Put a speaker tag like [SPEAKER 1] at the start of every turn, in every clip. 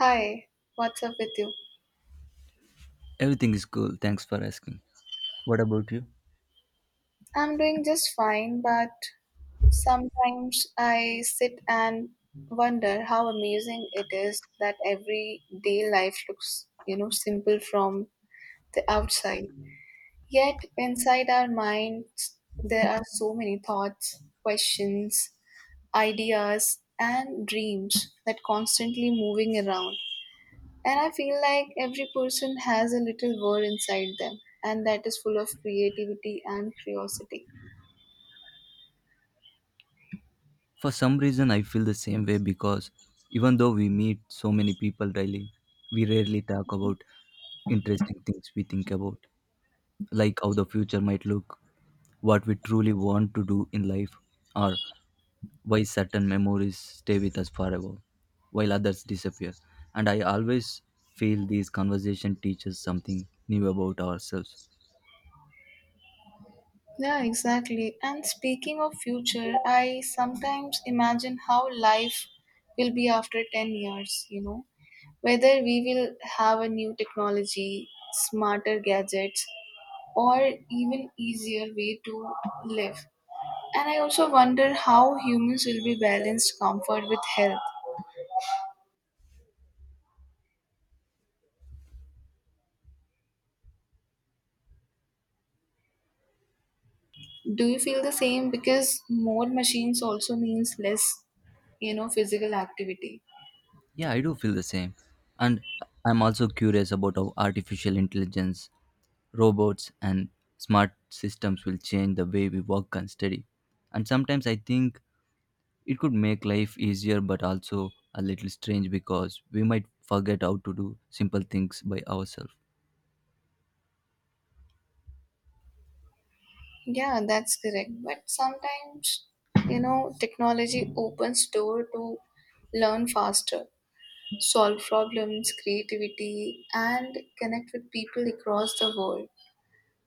[SPEAKER 1] Hi, what's up with you?
[SPEAKER 2] Everything is cool, thanks for asking. What about you?
[SPEAKER 1] I'm doing just fine, but sometimes I sit and wonder how amazing it is that everyday life looks, simple from the outside. Yet inside our minds, there are so many thoughts, questions, ideas, and dreams that constantly moving around. And I feel like every person has a little world inside them, and that is full of creativity and curiosity.
[SPEAKER 2] For some reason, I feel the same way because even though we meet so many people daily, we rarely talk about interesting things we think about, like how the future might look, what we truly want to do in life, or why certain memories stay with us forever while others disappear. And I always feel these conversations teach us something new about ourselves.
[SPEAKER 1] Yeah, exactly. And speaking of future, I sometimes imagine how life will be after 10 years, whether we will have a new technology, smarter gadgets, or even easier way to live. And I also wonder how humans will be balanced comfort with health. Do you feel the same? Because more machines also means less, physical activity.
[SPEAKER 2] Yeah, I do feel the same. And I'm also curious about how artificial intelligence, robots, and smart systems will change the way we work and study. And sometimes I think it could make life easier, but also a little strange because we might forget how to do simple things by ourselves.
[SPEAKER 1] Yeah, that's correct. But sometimes, technology opens door to learn faster, solve problems, creativity, and connect with people across the world.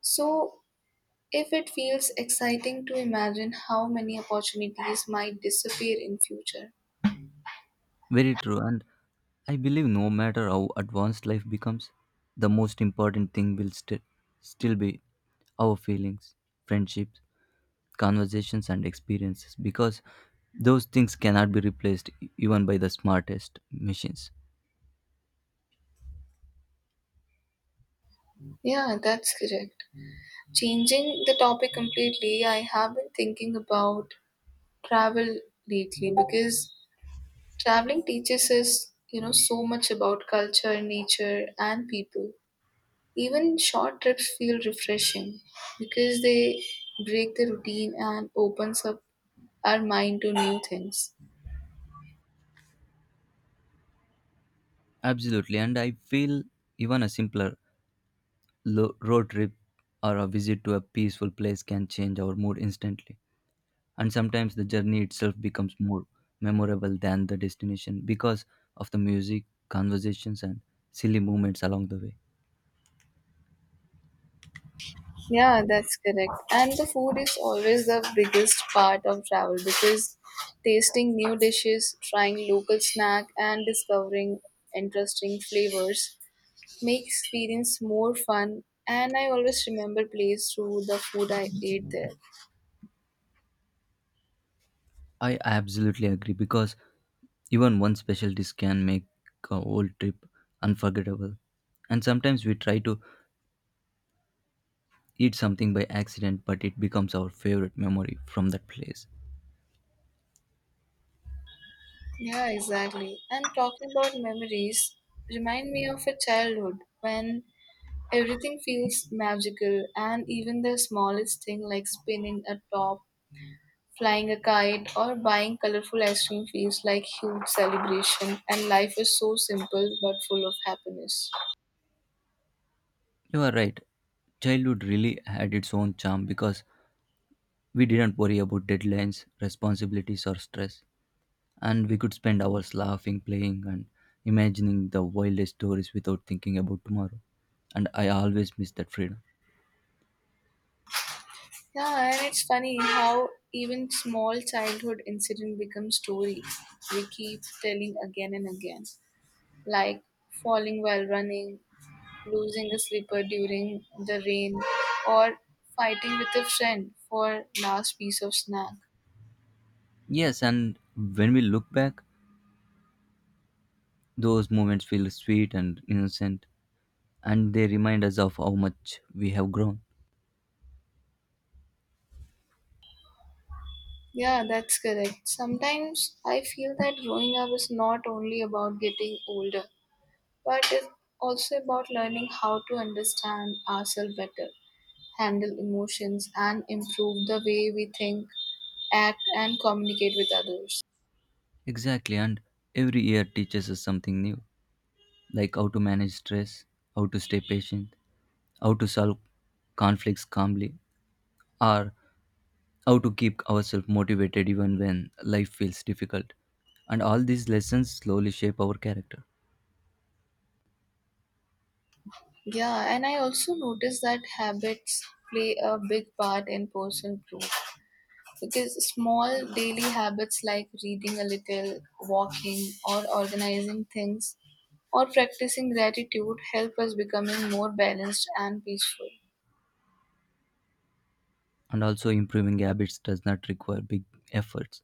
[SPEAKER 1] So, if it feels exciting to imagine how many opportunities might disappear in future.
[SPEAKER 2] Very true. And I believe no matter how advanced life becomes, the most important thing will still be our feelings, friendships, conversations, and experiences because those things cannot be replaced even by the smartest machines.
[SPEAKER 1] Yeah, that's correct. Changing the topic completely, I have been thinking about travel lately because traveling teaches us, so much about culture, nature, and people. Even short trips feel refreshing because they break the routine and opens up our mind to new things.
[SPEAKER 2] Absolutely. And I feel even a simpler road trip or a visit to a peaceful place can change our mood instantly. And sometimes the journey itself becomes more memorable than the destination because of the music, conversations, and silly moments along the way.
[SPEAKER 1] Yeah, that's correct. And the food is always the biggest part of travel because tasting new dishes, trying local snack, and discovering interesting flavors make experience more fun. And I always remember place through the food I ate there.
[SPEAKER 2] I absolutely agree because even one special dish can make a whole trip unforgettable. And sometimes we try to eat something by accident, but it becomes our favorite memory from that place.
[SPEAKER 1] Yeah, exactly. And talking about memories, remind me of a childhood when everything feels magical and even the smallest thing like spinning a top, flying a kite, or buying colorful ice cream feels like huge celebration and life is so simple but full of happiness.
[SPEAKER 2] You are right. Childhood really had its own charm because we didn't worry about deadlines, responsibilities, or stress. And we could spend hours laughing, playing, and imagining the wildest stories without thinking about tomorrow. And I always miss that freedom.
[SPEAKER 1] Yeah, and it's funny how even small childhood incident becomes stories we keep telling again and again, like falling while running, losing a slipper during the rain, or fighting with a friend for last piece of snack.
[SPEAKER 2] Yes, and when we look back, those moments feel sweet and innocent, and they remind us of how much we have grown.
[SPEAKER 1] Yeah, that's correct. Sometimes I feel that growing up is not only about getting older, but it's also about learning how to understand ourselves better, handle emotions, and improve the way we think, act, and communicate with others.
[SPEAKER 2] Exactly, and every year teaches us something new, like how to manage stress, how to stay patient, how to solve conflicts calmly, or how to keep ourselves motivated even when life feels difficult. And all these lessons slowly shape our character.
[SPEAKER 1] Yeah, and I also noticed that habits play a big part in personal growth. Because small daily habits like reading a little, walking, or organizing things, or practicing gratitude help us becoming more balanced and peaceful.
[SPEAKER 2] And also, improving habits does not require big efforts.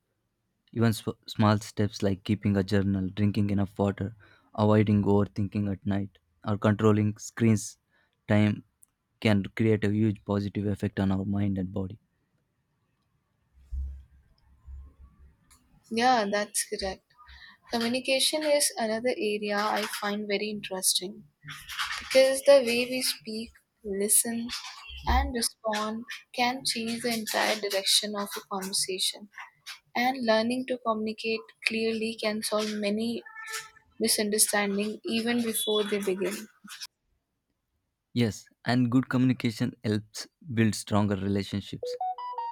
[SPEAKER 2] Even small steps like keeping a journal, drinking enough water, avoiding overthinking at night, or controlling screens time can create a huge positive effect on our mind and body.
[SPEAKER 1] Yeah, that's correct. Communication is another area I find very interesting because the way we speak, listen, and respond can change the entire direction of a conversation. And learning to communicate clearly can solve many misunderstanding even before they begin.
[SPEAKER 2] Yes, and good communication helps build stronger relationships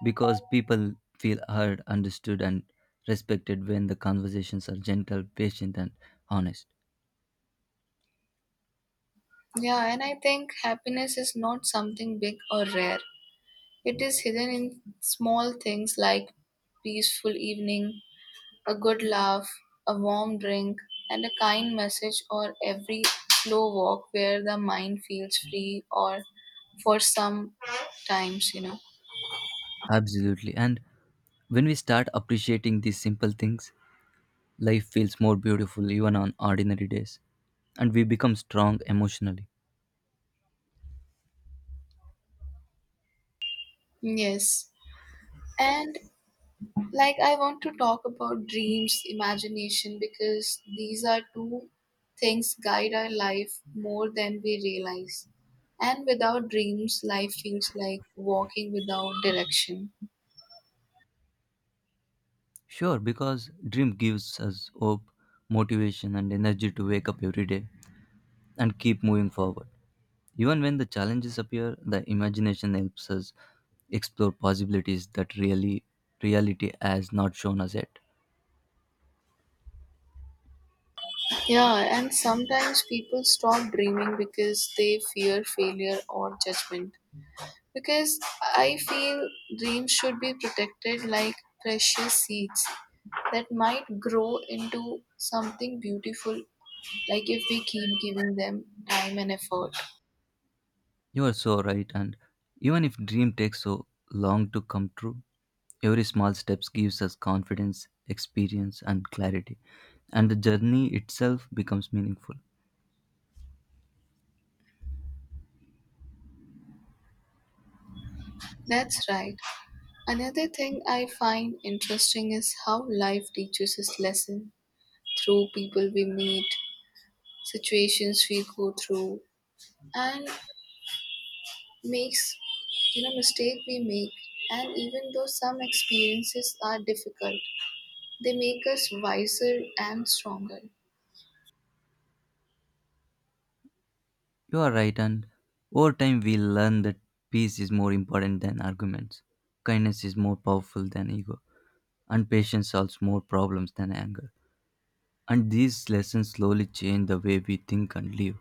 [SPEAKER 2] because people feel heard, understood, and respected when the conversations are gentle, patient, and honest.
[SPEAKER 1] Yeah, and I think happiness is not something big or rare. It is hidden in small things like peaceful evening, a good laugh, a warm drink, and a kind message or every slow walk where the mind feels free or for some times.
[SPEAKER 2] Absolutely. And when we start appreciating these simple things, life feels more beautiful even on ordinary days, and we become strong emotionally.
[SPEAKER 1] Yes. And like, I want to talk about dreams, imagination, because these are two things guide our life more than we realize. And without dreams, life feels like walking without direction.
[SPEAKER 2] Sure, because dream gives us hope, motivation, and energy to wake up every day and keep moving forward. Even when the challenges appear, the imagination helps us explore possibilities that really reality has not shown us yet.
[SPEAKER 1] Yeah, and sometimes people stop dreaming because they fear failure or judgment. Because I feel dreams should be protected like precious seeds that might grow into something beautiful like if we keep giving them time and effort.
[SPEAKER 2] You are so right, and even if dream takes so long to come true, every small steps gives us confidence, experience, and clarity, and the journey itself becomes meaningful.
[SPEAKER 1] That's right. Another thing I find interesting is how life teaches us lesson through people we meet, situations we go through, and makes mistake we make. And even though some experiences are difficult, they make us wiser and stronger.
[SPEAKER 2] You are right, and over time we learn that peace is more important than arguments, kindness is more powerful than ego, and patience solves more problems than anger. And these lessons slowly change the way we think and live.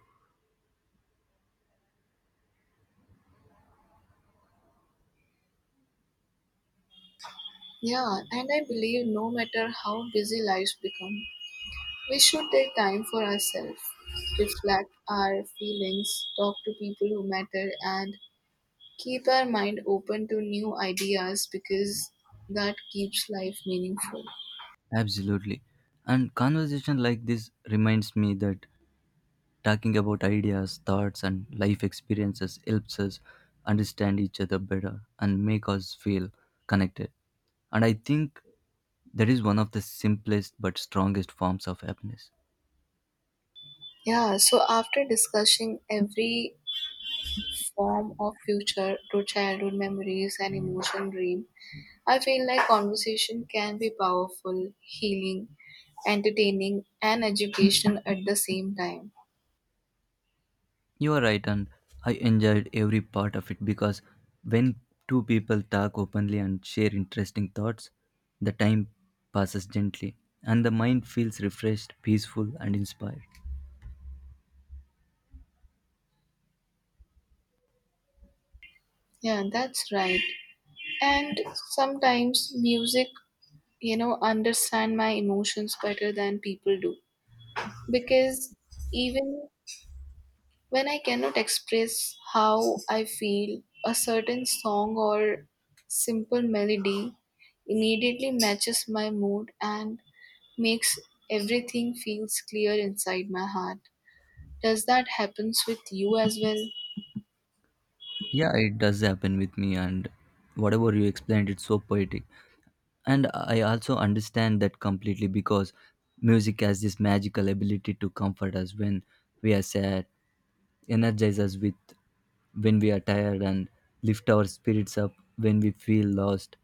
[SPEAKER 1] Yeah, and I believe no matter how busy lives become, we should take time for ourselves, reflect our feelings, talk to people who matter, and keep our mind open to new ideas because that keeps life meaningful.
[SPEAKER 2] Absolutely. And conversation like this reminds me that talking about ideas, thoughts, and life experiences helps us understand each other better and make us feel connected. And I think that is one of the simplest but strongest forms of happiness.
[SPEAKER 1] Yeah, so after discussing every form of future to childhood memories and emotion dream, I feel like conversation can be powerful, healing, entertaining, and educational at the same time.
[SPEAKER 2] You are right, and I enjoyed every part of it because when two people talk openly and share interesting thoughts, the time passes gently and the mind feels refreshed, peaceful, and inspired.
[SPEAKER 1] Yeah, that's right. And sometimes music understand my emotions better than people do because even when I cannot express how I feel a certain song or simple melody immediately matches my mood and makes everything feels clear inside my heart. Does that happens with you as well?
[SPEAKER 2] Yeah, it does happen with me, and whatever you explained, it's so poetic. And I also understand that completely because music has this magical ability to comfort us when we are sad, energize us with when we are tired and lift our spirits up when we feel lost.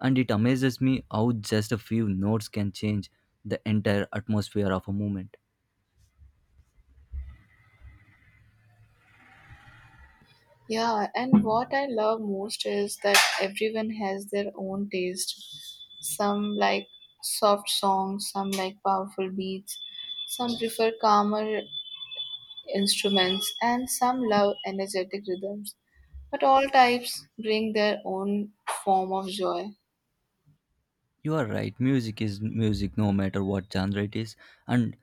[SPEAKER 2] And it amazes me how just a few notes can change the entire atmosphere of a moment.
[SPEAKER 1] Yeah, and what I love most is that everyone has their own taste. Some like soft songs, some like powerful beats, some prefer calmer instruments, and some love energetic rhythms. But all types bring their own form of joy.
[SPEAKER 2] You are right, music is music no matter what genre it is, and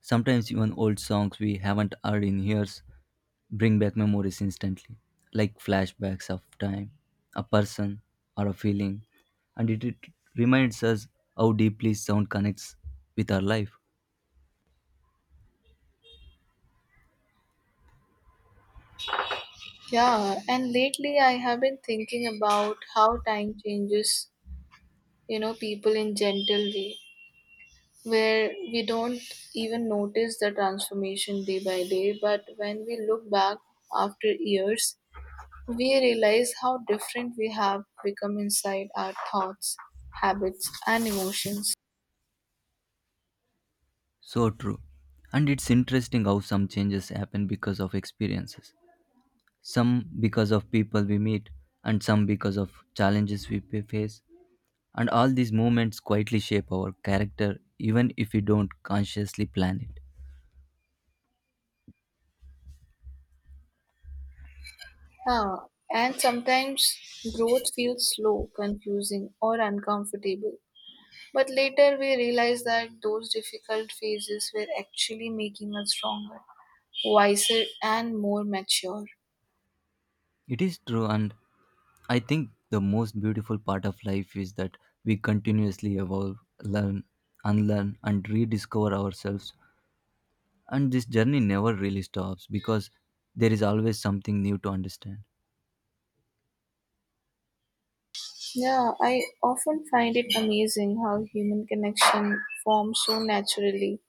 [SPEAKER 2] sometimes even old songs we haven't heard in years bring back memories instantly, like flashbacks of time, a person, or a feeling, and it reminds us how deeply sound connects with our life.
[SPEAKER 1] Yeah, and lately I have been thinking about how time changes, people in gentle way where we don't even notice the transformation day by day, but when we look back after years, we realize how different we have become inside our thoughts, habits, and emotions.
[SPEAKER 2] So true. And it's interesting how some changes happen because of experiences, some because of people we meet, and some because of challenges we face. And all these moments quietly shape our character, even if we don't consciously plan it.
[SPEAKER 1] Ah, and sometimes growth feels slow, confusing, or uncomfortable. But later we realize that those difficult phases were actually making us stronger, wiser, and more mature.
[SPEAKER 2] It is true, and I think the most beautiful part of life is that we continuously evolve, learn, unlearn, and rediscover ourselves. And this journey never really stops because there is always something new to understand.
[SPEAKER 1] Yeah, I often find it amazing how human connection forms so naturally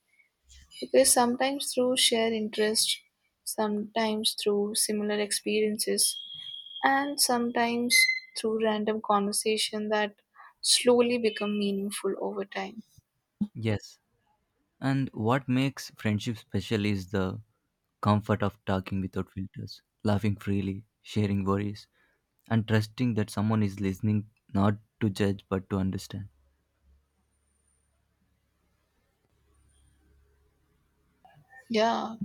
[SPEAKER 1] because sometimes through shared interest, sometimes through similar experiences, and sometimes through random conversation that slowly become meaningful over time.
[SPEAKER 2] Yes. And what makes friendship special is the comfort of talking without filters, laughing freely, sharing worries, and trusting that someone is listening not to judge but to understand.
[SPEAKER 1] Yeah,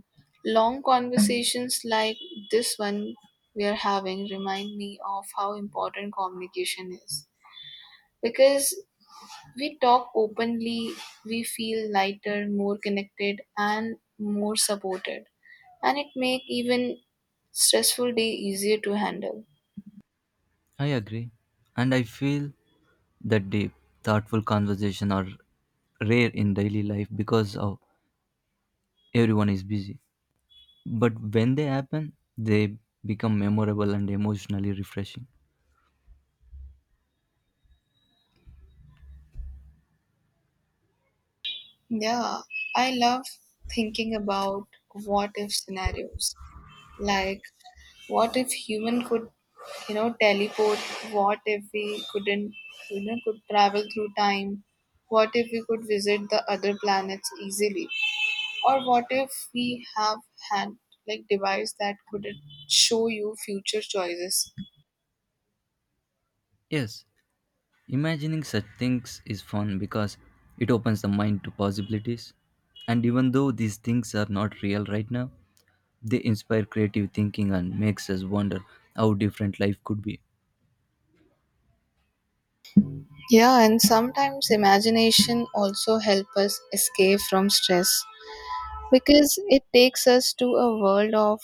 [SPEAKER 1] long conversations like this one we are having remind me of how important communication is because we talk openly, we feel lighter, more connected, and more supported. And it make even stressful day easier to handle.
[SPEAKER 2] I agree. And I feel that deep, thoughtful conversation are rare in daily life because of everyone is busy. But when they happen, they become memorable and emotionally refreshing.
[SPEAKER 1] Yeah, I love thinking about what if scenarios. Like, what if human could, teleport? What if we couldn't, could travel through time? What if we could visit the other planets easily? Or what if we have had like device that could show you future choices?
[SPEAKER 2] Yes, imagining such things is fun because it opens the mind to possibilities. And even though these things are not real right now, they inspire creative thinking and makes us wonder how different life could be.
[SPEAKER 1] Yeah, and sometimes imagination also help us escape from stress because it takes us to a world of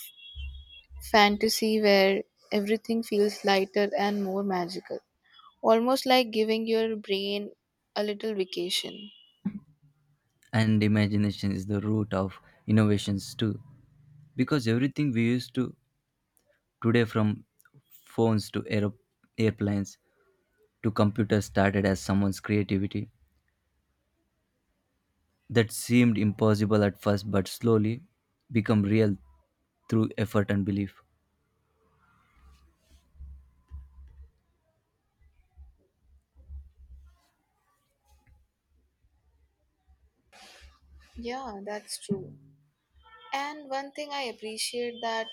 [SPEAKER 1] fantasy where everything feels lighter and more magical. Almost like giving your brain a little vacation.
[SPEAKER 2] And imagination is the root of innovations too. Because everything we used to today from phones to airplanes to computers started as someone's creativity that seemed impossible at first but slowly become real through effort and belief.
[SPEAKER 1] Yeah, that's true. And one thing I appreciate that,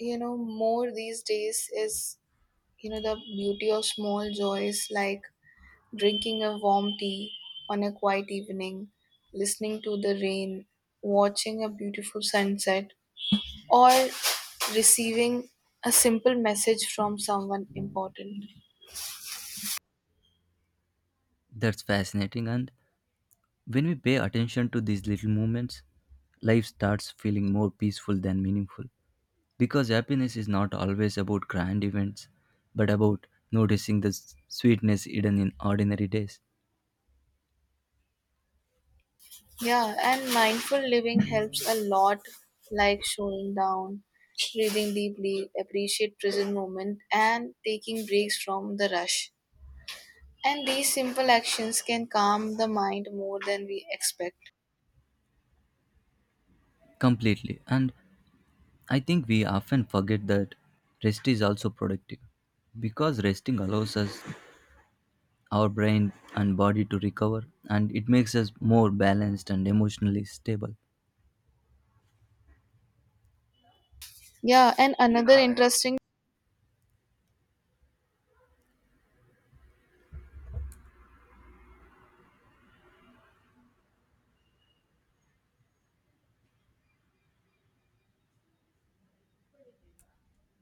[SPEAKER 1] you know, more these days is the beauty of small joys like drinking a warm tea on a quiet evening, listening to the rain, watching a beautiful sunset, or receiving a simple message from someone important.
[SPEAKER 2] That's fascinating. And when we pay attention to these little moments, life starts feeling more peaceful than meaningful. Because happiness is not always about grand events, but about noticing the sweetness hidden in ordinary days.
[SPEAKER 1] Yeah, and mindful living helps a lot, like slowing down, breathing deeply, appreciate present moment, and taking breaks from the rush. And these simple actions can calm the mind more than we expect.
[SPEAKER 2] Completely. And I think we often forget that rest is also productive. Because resting allows us, our brain and body to recover, and it makes us more balanced and emotionally stable.
[SPEAKER 1] Yeah, and another interesting